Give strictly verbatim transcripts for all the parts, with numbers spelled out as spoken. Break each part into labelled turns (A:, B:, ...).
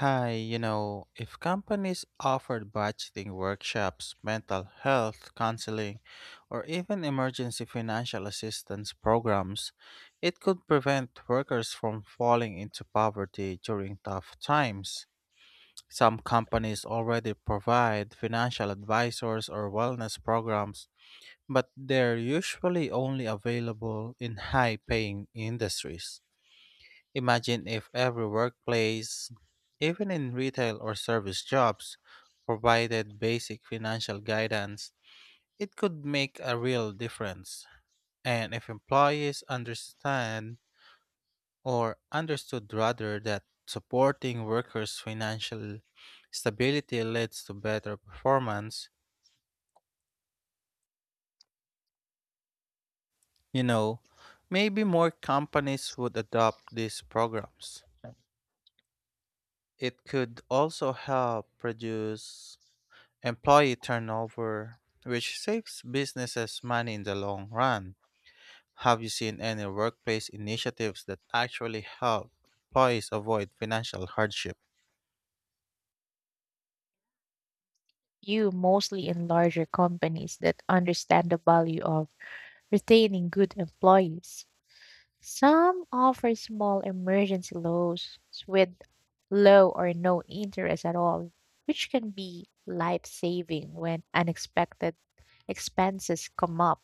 A: Hi, you know, if companies offered budgeting workshops, mental health counseling, or even emergency financial assistance programs, it could prevent workers from falling into poverty during tough times. Some companies already provide financial advisors or wellness programs, but they're usually only available in high paying industries. Imagine if every workplace, even in retail or service jobs, provided basic financial guidance. It could make a real difference. And if employees understand or understood rather that supporting workers' financial stability leads to better performance, you know, maybe more companies would adopt these programs. It could also help reduce employee turnover, which saves businesses money in the long run. Have you seen any workplace initiatives that actually help employees avoid financial hardship?
B: Few, mostly in larger companies that understand the value of retaining good employees. Some offer small emergency loans with low or no interest at all, which can be life saving when unexpected expenses come up.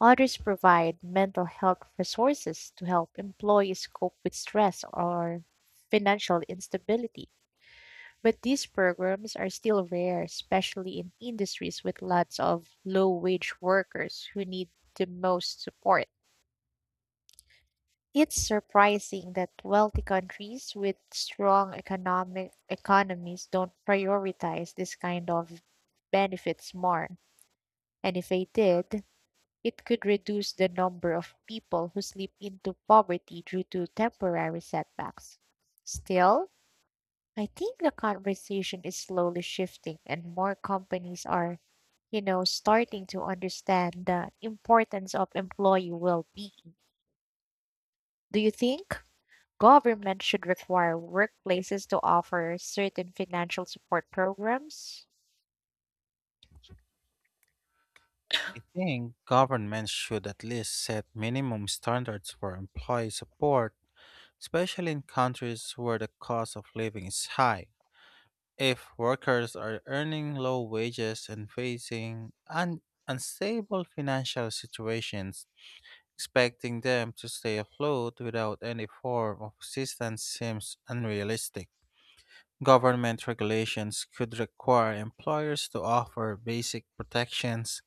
B: Others provide mental health resources to help employees cope with stress or financial instability. But these programs are still rare, especially in industries with lots of low wage workers who need the most support. It's surprising that wealthy countries with strong economic economies don't prioritize this kind of benefits more. And if they did, it could reduce the number of people who slip into poverty due to temporary setbacks. Still, I think the conversation is slowly shifting and more companies are, you know, starting to understand the importance of employee well-being. Do you think government should require workplaces to offer certain financial support programs?
A: I think governments should at least set minimum standards for employee support, especially in countries where the cost of living is high. If workers are earning low wages and facing un- unstable financial situations, expecting them to stay afloat without any form of assistance seems unrealistic. Government regulations could require employers to offer basic protections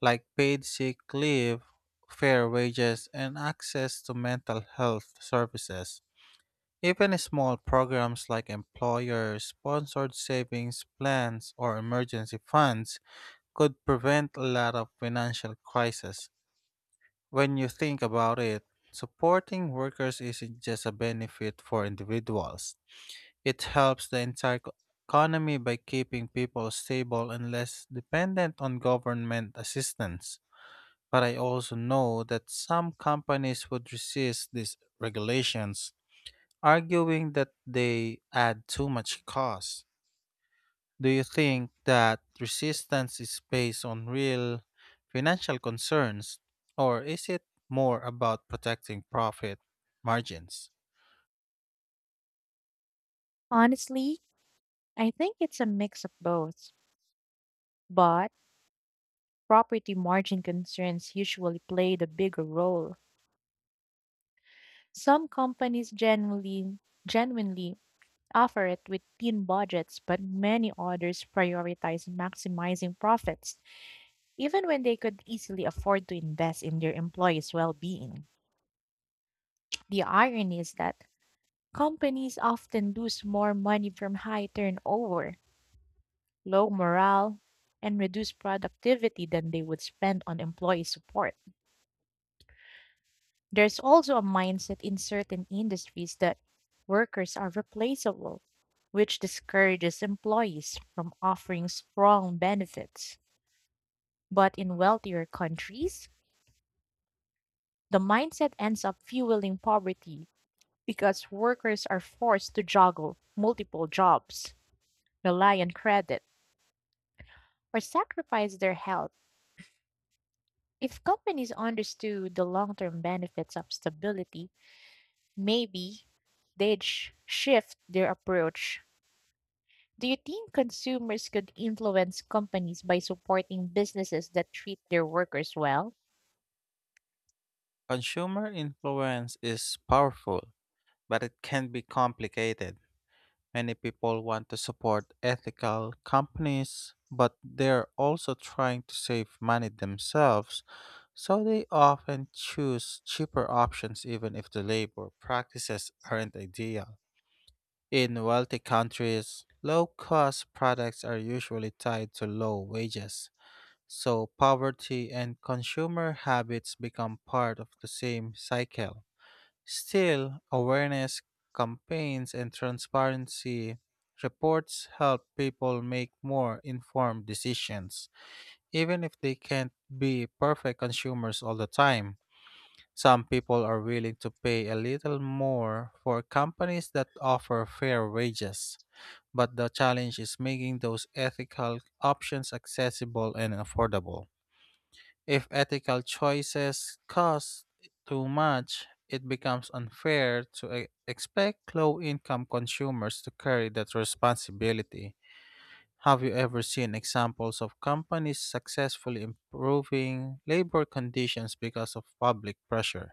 A: like paid sick leave, fair wages, and access to mental health services. Even small programs like employer sponsored savings plans or emergency funds could prevent a lot of financial crisis. When you think about it, supporting workers isn't just a benefit for individuals. It helps the entire co- economy by keeping people stable and less dependent on government assistance. But I also know that some companies would resist these regulations, arguing that they add too much cost. Do you think that resistance is based on real financial concerns, or is it more about protecting profit margins?
B: Honestly, I think it's a mix of both, but property margin concerns usually play the bigger role. Some companies genuinely genuinely offer it with thin budgets, but many others prioritize maximizing profits, even when they could easily afford to invest in their employees' well being. The irony is that companies often lose more money from high turnover, low morale, and reduced productivity than they would spend on employee support. There's also a mindset in certain industries that workers are replaceable, which discourages employees from offering strong benefits. But in wealthier countries, the mindset ends up fueling poverty because workers are forced to juggle multiple jobs, rely on credit, or sacrifice their health. If companies understood the long term benefits of stability, maybe they'd sh- shift their approach. Do you think consumers could influence companies by supporting businesses that treat their workers well?
A: Consumer influence is powerful, but it can be complicated. Many people want to support ethical companies, but they're also trying to save money themselves, so they often choose cheaper options even if the labor practices aren't ideal. In wealthy countries, low cost products are usually tied to low wages, so poverty and consumer habits become part of the same cycle. Still, awareness campaigns and transparency reports help people make more informed decisions, even if they can't be perfect consumers all the time. Some people are willing to pay a little more for companies that offer fair wages, but the challenge is making those ethical options accessible and affordable. If ethical choices cost too much, it becomes unfair to e- expect low income consumers to carry that responsibility. Have you ever seen examples of companies successfully improving labor conditions because of public pressure?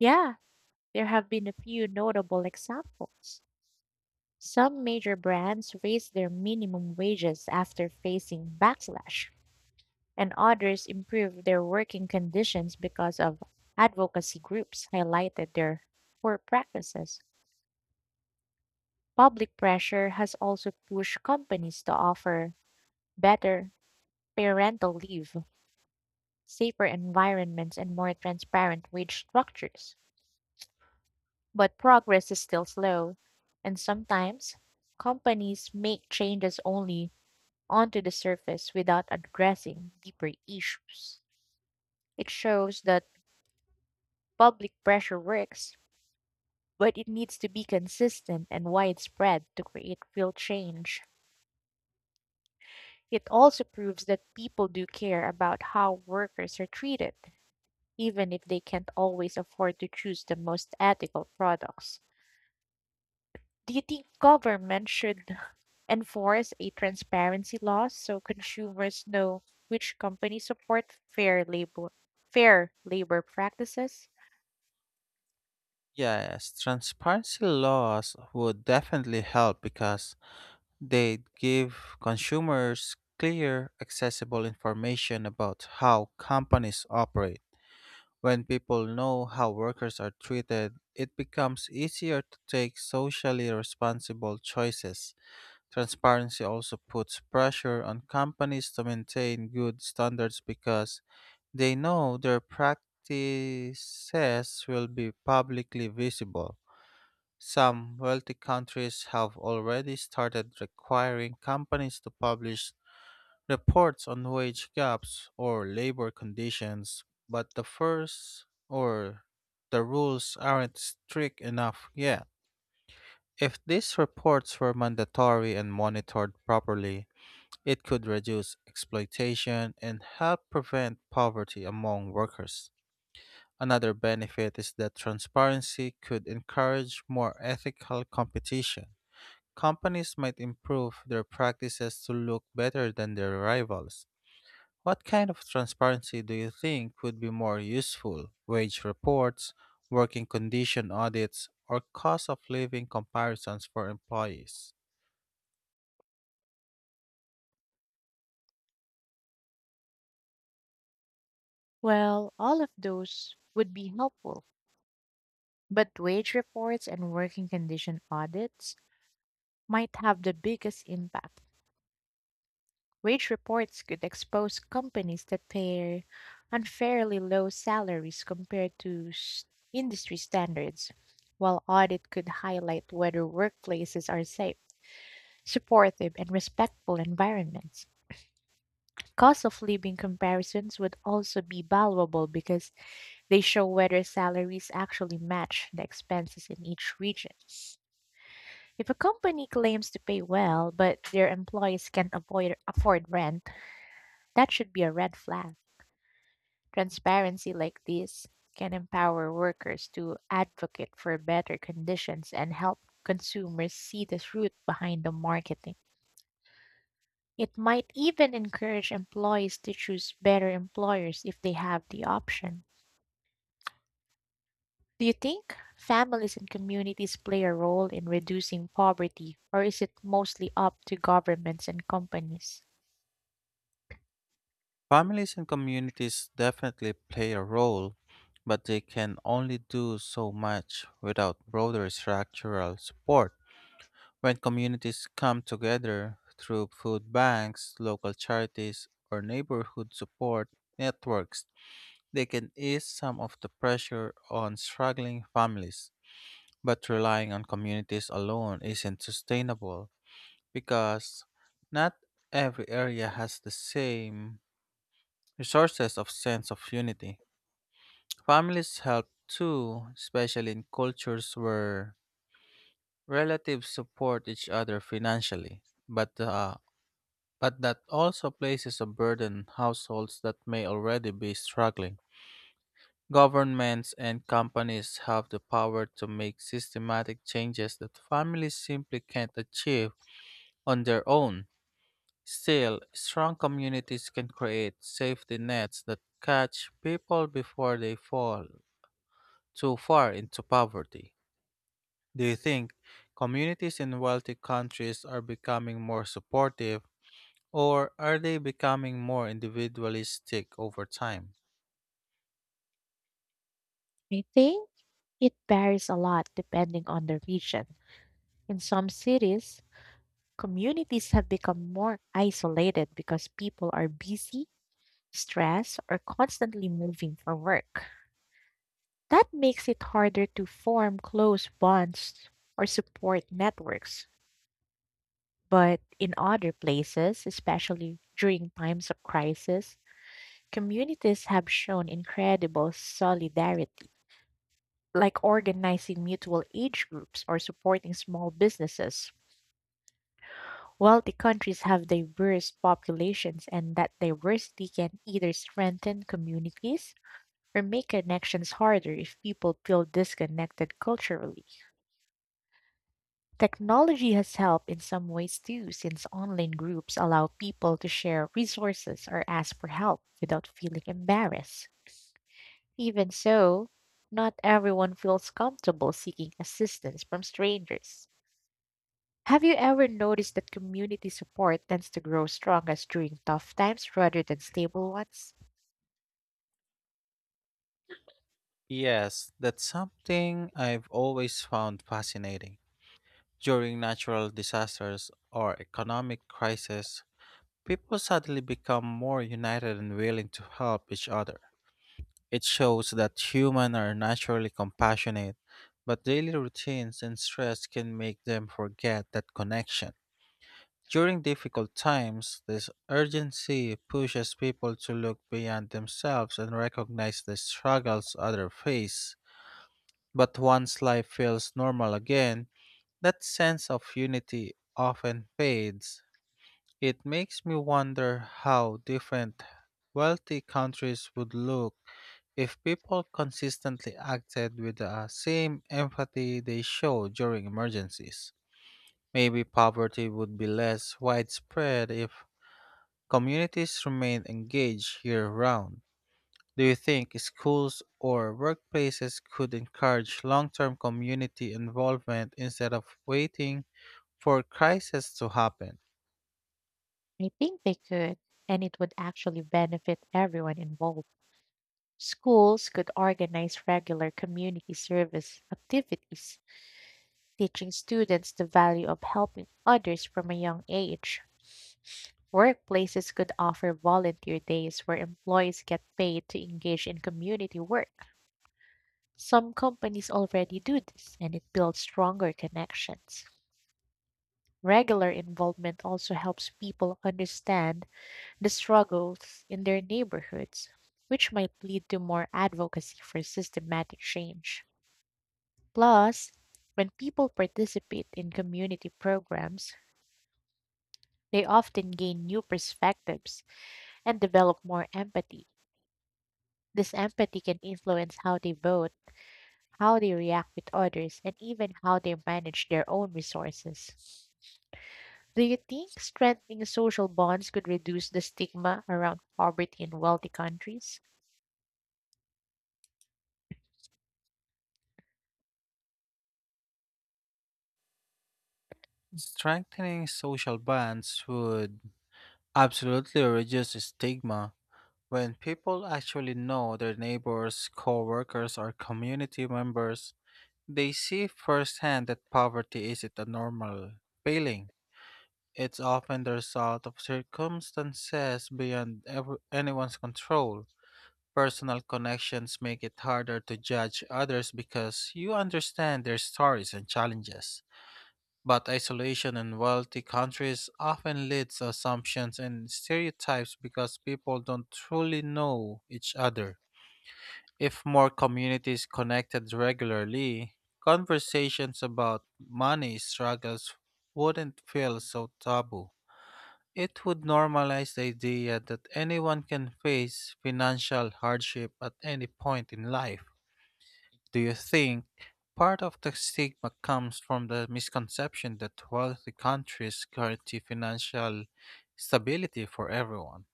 B: Yeah, there have been a few notable examples. Some major brands raised their minimum wages after facing backlash, and others improved their working conditions because of advocacy groups highlighted their poor practices. Public pressure has also pushed companies to offer better parental leave, safer environments, and more transparent wage structures. But progress is still slow, and sometimes companies make changes only onto the surface without addressing deeper issues. It shows that public pressure works, but it needs to be consistent and widespread to create real change. It also proves that people do care about how workers are treated, even if they can't always afford to choose the most ethical products. Do you think government should enforce a transparency law so consumers know which companies support fair labor fair labor practices?
A: Yes, transparency laws would definitely help because they'd give consumers clear, accessible information about how companies operate. When people know how workers are treated, it becomes easier to take socially responsible choices. Transparency also puts pressure on companies to maintain good standards because they know their practices will be publicly visible. Some wealthy countries have already started requiring companies to publish reports on wage gaps or labor conditions, but the first or the rules aren't strict enough yet. If these reports were mandatory and monitored properly, it could reduce exploitation and help prevent poverty among workers. Another benefit is that transparency could encourage more ethical competition. Companies might improve their practices to look better than their rivals. What kind of transparency do you think would be more useful? Wage reports, working condition audits, or cost of living comparisons for employees?
B: Well, all of those would be helpful, but wage reports and working condition audits might have the biggest impact. Wage reports could expose companies that pay unfairly low salaries compared to s- industry standards, while audit could highlight whether workplaces are safe, supportive, and respectful environments. Cost of living comparisons would also be valuable because they show whether salaries actually match the expenses in each region. If a company claims to pay well, but their employees can't avoid, afford rent, that should be a red flag. Transparency like this can empower workers to advocate for better conditions and help consumers see the truth behind the marketing. It might even encourage employees to choose better employers if they have the option. Do you think families and communities play a role in reducing poverty, or is it mostly up to governments and companies?
A: Families and communities definitely play a role, but they can only do so much without broader structural support. When communities come together through food banks, local charities, or neighborhood support networks, they can ease some of the pressure on struggling families. But relying on communities alone isn't sustainable because not every area has the same resources of sense of unity. Families help too, especially in cultures where relatives support each other financially. But the But that also places a burden on households that may already be struggling. Governments and companies have the power to make systematic changes that families simply can't achieve on their own. Still, strong communities can create safety nets that catch people before they fall too far into poverty. Do you think communities in wealthy countries are becoming more supportive? Or are they becoming more individualistic over time?
B: I think it varies a lot depending on the region. In some cities, communities have become more isolated because people are busy, stressed, or constantly moving for work. That makes it harder to form close bonds or support networks. But in other places, especially during times of crisis, communities have shown incredible solidarity, like organizing mutual aid groups or supporting small businesses. Wealthy countries have diverse populations, and that diversity can either strengthen communities or make connections harder if people feel disconnected culturally. Technology has helped in some ways too, since online groups allow people to share resources or ask for help without feeling embarrassed. Even so, not everyone feels comfortable seeking assistance from strangers. Have you ever noticed that community support tends to grow strongest during tough times rather than stable ones?
A: Yes, that's something I've always found fascinating. During natural disasters or economic crises, people suddenly become more united and willing to help each other. It shows that humans are naturally compassionate, but daily routines and stress can make them forget that connection. During difficult times, this urgency pushes people to look beyond themselves and recognize the struggles others face. But once life feels normal again, that sense of unity often fades. It makes me wonder how different wealthy countries would look if people consistently acted with the same empathy they show during emergencies. Maybe poverty would be less widespread if communities remain engaged year round. Do you think schools or workplaces could encourage long term community involvement instead of waiting for crisis to happen?
B: I think they could, and it would actually benefit everyone involved. Schools could organize regular community service activities teaching students the value of helping others from a young age. Workplaces could offer volunteer days where employees get paid to engage in community work. Some companies already do this, and it builds stronger connections. Regular involvement also helps people understand the struggles in their neighborhoods, which might lead to more advocacy for systematic change. Plus, when people participate in community programs, they often gain new perspectives and develop more empathy. This empathy can influence how they vote, how they react with others, and even how they manage their own resources. Do you think strengthening social bonds could reduce the stigma around poverty in wealthy countries?
A: Strengthening social bonds would absolutely reduce stigma. When people actually know their neighbors, coworkers, or community members, they see firsthand that poverty isn't a normal failing. It's often the result of circumstances beyond ever anyone's control. Personal connections make it harder to judge others because you understand their stories and challenges. But isolation in wealthy countries often leads to assumptions and stereotypes because people don't truly know each other. If more communities connected regularly, conversations about money struggles wouldn't feel so taboo. It would normalize the idea that anyone can face financial hardship at any point in life. Do you think part of the stigma comes from the misconception that wealthy countries guarantee financial stability for everyone?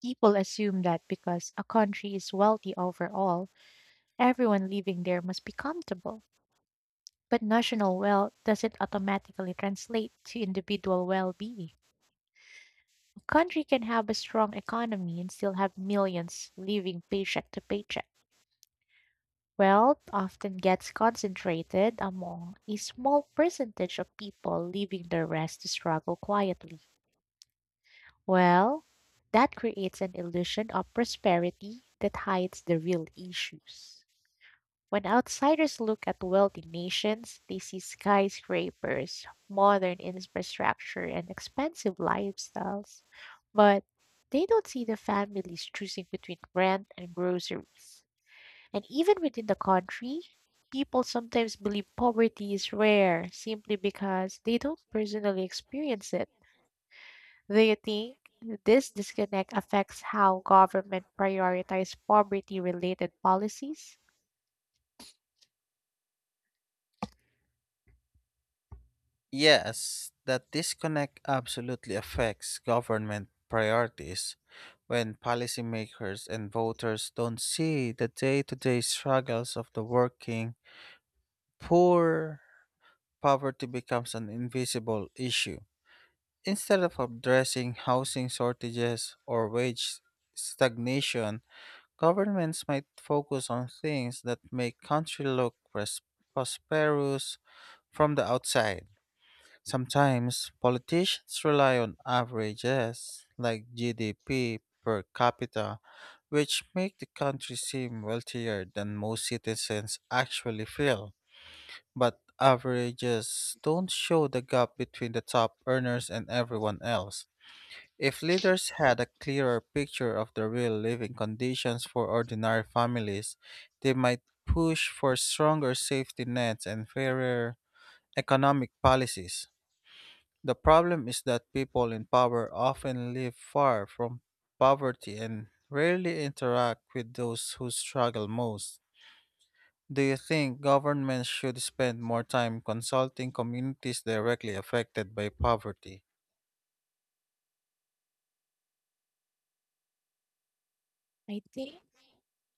B: People assume that because a country is wealthy overall, everyone living there must be comfortable. But national wealth doesn't automatically translate to individual well being. Country can have a strong economy and still have millions living paycheck to paycheck. Wealth often gets concentrated among a small percentage of people, leaving the rest to struggle quietly. Well, that creates an illusion of prosperity that hides the real issues. When outsiders look at wealthy nations, they see skyscrapers, modern infrastructure, and expensive lifestyles. But they don't see the families choosing between rent and groceries. And even within the country, people sometimes believe poverty is rare simply because they don't personally experience it. Do you think this disconnect affects how government prioritize poverty related policies?
A: Yes, that disconnect absolutely affects government priorities. When policymakers and voters don't see the day to day struggles of the working poor, poverty becomes an invisible issue. Instead of addressing housing shortages or wage stagnation, governments might focus on things that make country look pres- prosperous from the outside. Sometimes politicians rely on averages like G D P per capita, which make the country seem wealthier than most citizens actually feel. But averages don't show the gap between the top earners and everyone else. If leaders had a clearer picture of the real living conditions for ordinary families, they might push for stronger safety nets and fairer economic policies. The problem is that people in power often live far from poverty and rarely interact with those who struggle most. Do you think governments should spend more time consulting communities directly affected by poverty?
B: I think.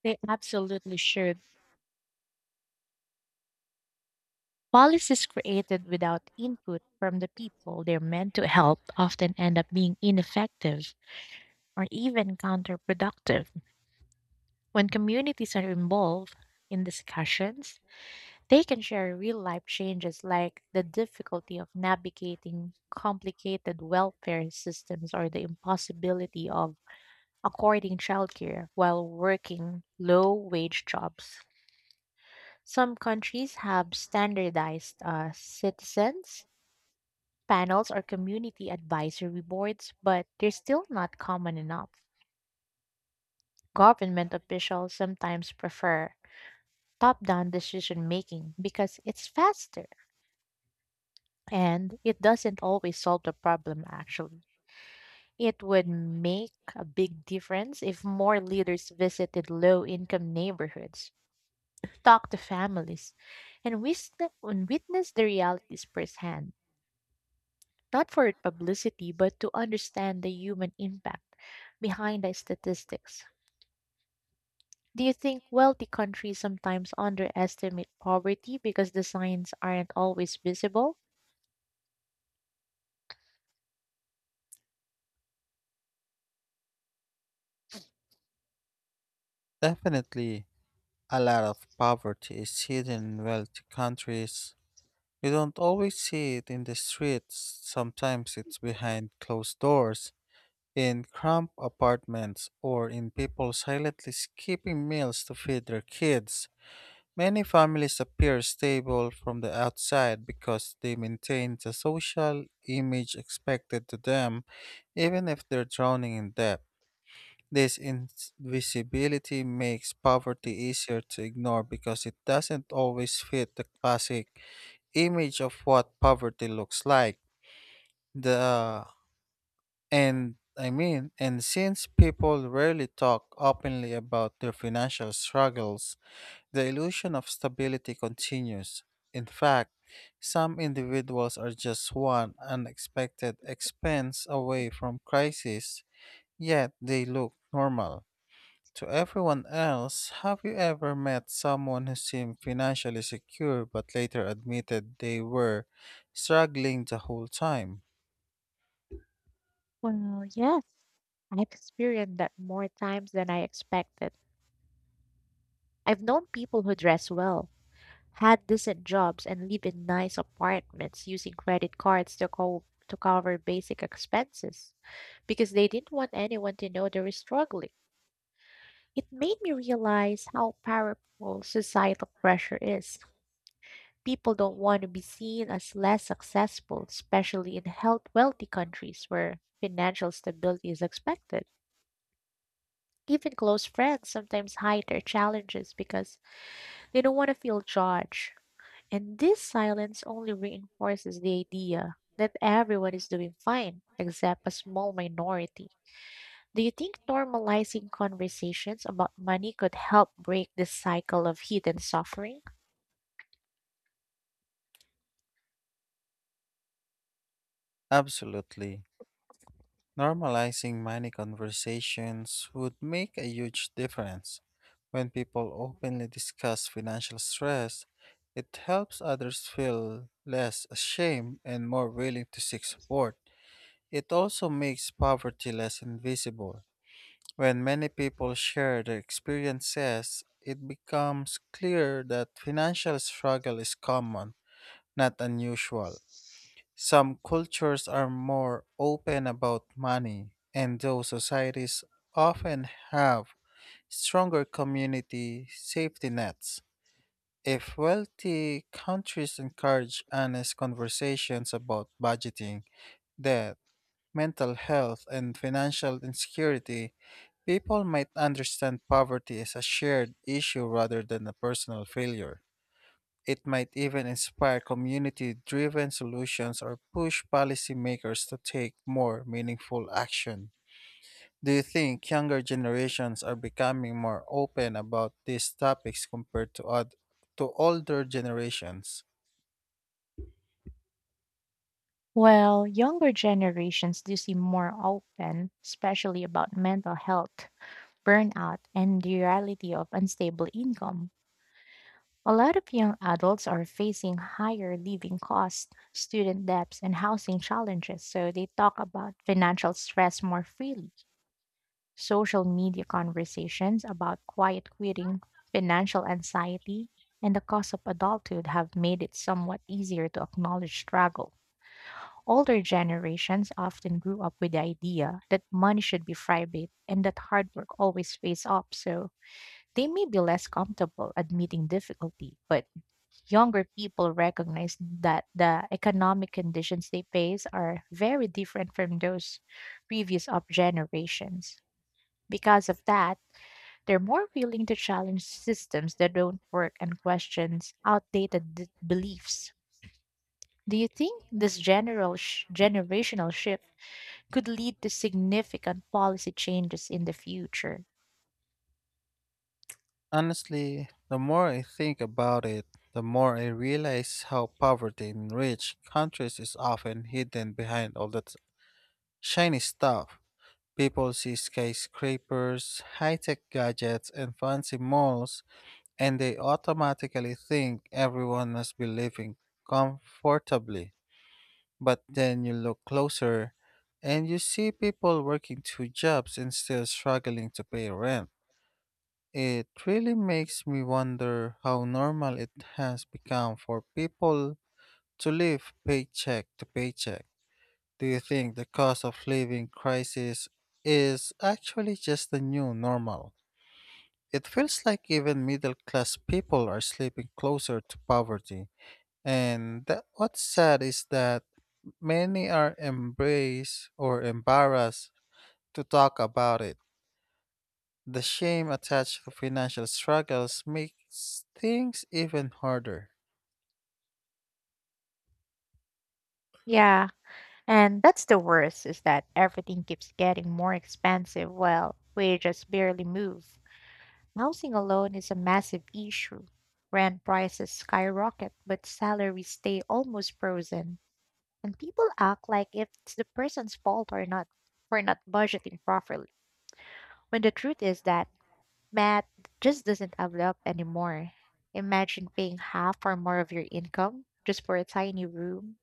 B: They absolutely should. Policies created without input from the people they're meant to help often end up being ineffective or even counterproductive. When communities are involved in discussions, they can share real life changes like the difficulty of navigating complicated welfare systems or the impossibility of according childcare while working low wage jobs. Some countries have standardized uh, citizens panels or community advisory boards, but they're still not common enough. Government officials sometimes prefer top down decision making because it's faster and it doesn't always solve the problem, actually. It would make a big difference if more leaders visited low income neighborhoods, talked to families, and wis- and witnessed the realities firsthand. Not for publicity, but to understand the human impact behind the statistics. Do you think wealthy countries sometimes underestimate poverty because the signs aren't always visible?
A: Definitely, a lot of poverty is hidden in wealthy countries. You don't always see it in the streets, sometimes it's behind closed doors, in cramped apartments, or in people silently skipping meals to feed their kids. Many families appear stable from the outside because they maintain the social image expected to them, even if they're drowning in debt. This invisibility makes poverty easier to ignore because it doesn't always fit the classic image of what poverty looks like. The and I mean, and since people rarely talk openly about their financial struggles, the illusion of stability continues. In fact, some individuals are just one unexpected expense away from crisis, yet they look normal to everyone else. Have you ever met someone who seemed financially secure but later admitted they were struggling the whole time?
B: Well, yes, I've experienced that more times than I expected. I've known people who dress well, had decent jobs, and live in nice apartments using credit cards to, co- to cover basic expenses because they didn't want anyone to know they were struggling. It made me realize how powerful societal pressure is. People don't want to be seen as less successful, especially in health wealthy countries where financial stability is expected. Even close friends sometimes hide their challenges because they don't want to feel judged. And this silence only reinforces the idea that everyone is doing fine except a small minority. Do you think normalizing conversations about money could help break this cycle of hidden suffering?
A: Absolutely. Normalizing money conversations would make a huge difference. When people openly discuss financial stress, it helps others feel less ashamed and more willing to seek support. It also makes poverty less invisible. When many people share their experiences, it becomes clear that financial struggle is common, not unusual. Some cultures are more open about money, and those societies often have stronger community safety nets. If wealthy countries encourage honest conversations about budgeting, debt, mental health, and financial insecurity, people might understand poverty as a shared issue rather than a personal failure. It might even inspire community driven solutions or push policymakers to take more meaningful action. Do you think younger generations are becoming more open about these topics compared to, oth- to older generations?
B: Well, younger generations do seem more open, especially about mental health, burnout, and the reality of unstable income. A lot of young adults are facing higher living costs, student debts, and housing challenges, so they talk about financial stress more freely. Social media conversations about quiet quitting, financial anxiety, and the cost of adulthood have made it somewhat easier to acknowledge struggle. Older generations often grew up with the idea that money should be private and that hard work always pays off, so they may be less comfortable admitting difficulty, but younger people recognize that the economic conditions they face are very different from those previous of generations. Because of that, they're more willing to challenge systems that don't work and questions outdated d- beliefs. Do you think this general sh- generational shift could lead to significant policy changes in the future?
A: Honestly, the more I think about it, the more I realize how poverty in rich countries is often hidden behind all that shiny stuff. People see skyscrapers, high tech gadgets, and fancy malls, and they automatically think everyone must be living comfortably. But then you look closer and you see people working two jobs and still struggling to pay rent. It really makes me wonder how normal it has become for people to live paycheck to paycheck. Do you think the cost of living crisis is actually just the new normal? It feels like even middle class people are slipping closer to poverty. And that, what's sad is that many are embraced or embarrassed to talk about it. The shame attached to financial struggles makes things even harder.
B: Yeah, and that's the worst is that everything keeps getting more expensive while wages barely move. Housing alone is a massive issue. Rent prices skyrocket, but salaries stay almost frozen, and people act like it's the person's fault or not for not budgeting properly. When the truth is that math just doesn't add up anymore. Imagine paying half or more of your income just for a tiny room.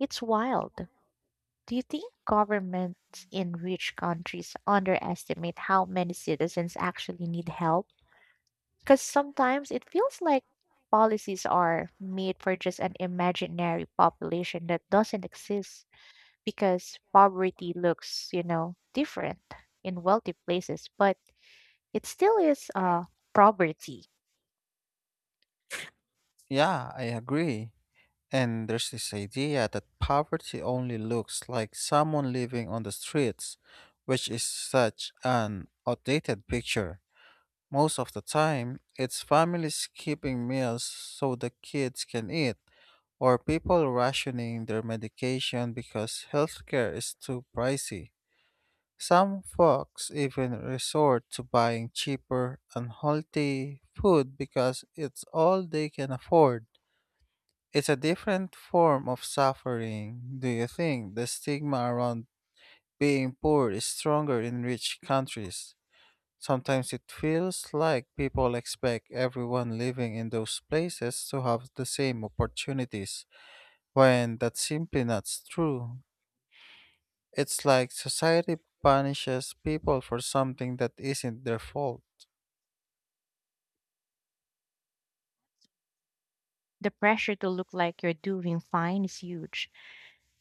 B: It's wild. Do you think governments in rich countries underestimate how many citizens actually need help? Because sometimes it feels like policies are made for just an imaginary population that doesn't exist, because poverty looks, you know, different in wealthy places, but it still is uh, poverty.
A: Yeah, I agree. And there's this idea that poverty only looks like someone living on the streets, which is such an outdated picture. Most of the time, it's families skipping meals so the kids can eat, or people rationing their medication because healthcare is too pricey. Some folks even resort to buying cheaper, unhealthy food because it's all they can afford. It's a different form of suffering. Do you think the stigma around being poor is stronger in rich countries? Sometimes it feels like people expect everyone living in those places to have the same opportunities, when that's simply not true. It's like society punishes people for something that isn't their fault.
B: The pressure to look like you're doing fine is huge,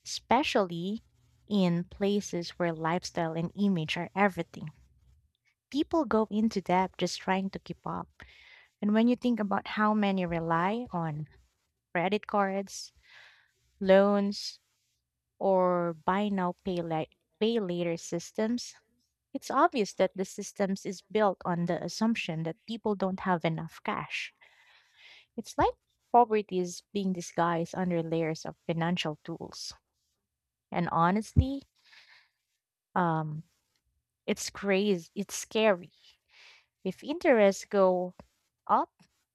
B: especially in places where lifestyle and image are everything. People go into debt just trying to keep up. And when you think about how many rely on credit cards, loans, or buy now, pay, la- pay later systems, it's obvious that the systems is built on the assumption that people don't have enough cash. It's like poverty is being disguised under layers of financial tools. And honestly, um, it's crazy. It's scary. If interests go up,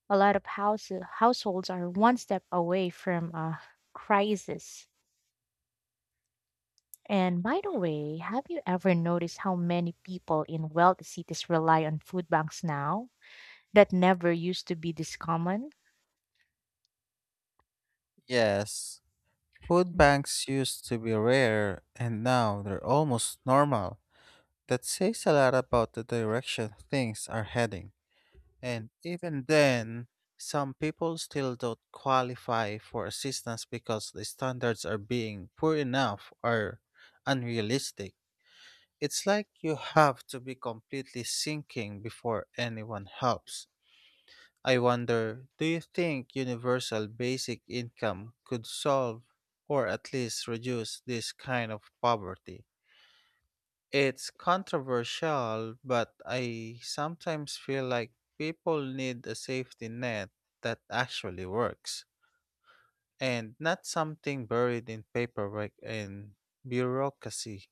B: a lot of house, households are one step away from a crisis. And by the way, have you ever noticed how many people in wealthy cities rely on food banks now that never used to be this common?
A: Yes, food banks used to be rare, and now they're almost normal. That says a lot about the direction things are heading. And even then, some people still don't qualify for assistance because the standards are being poor enough or unrealistic. It's like you have to be completely sinking before anyone helps. I wonder, do you think universal basic income could solve or at least reduce this kind of poverty? It's controversial, but I sometimes feel like people need a safety net that actually works and not something buried in paperwork and bureaucracy.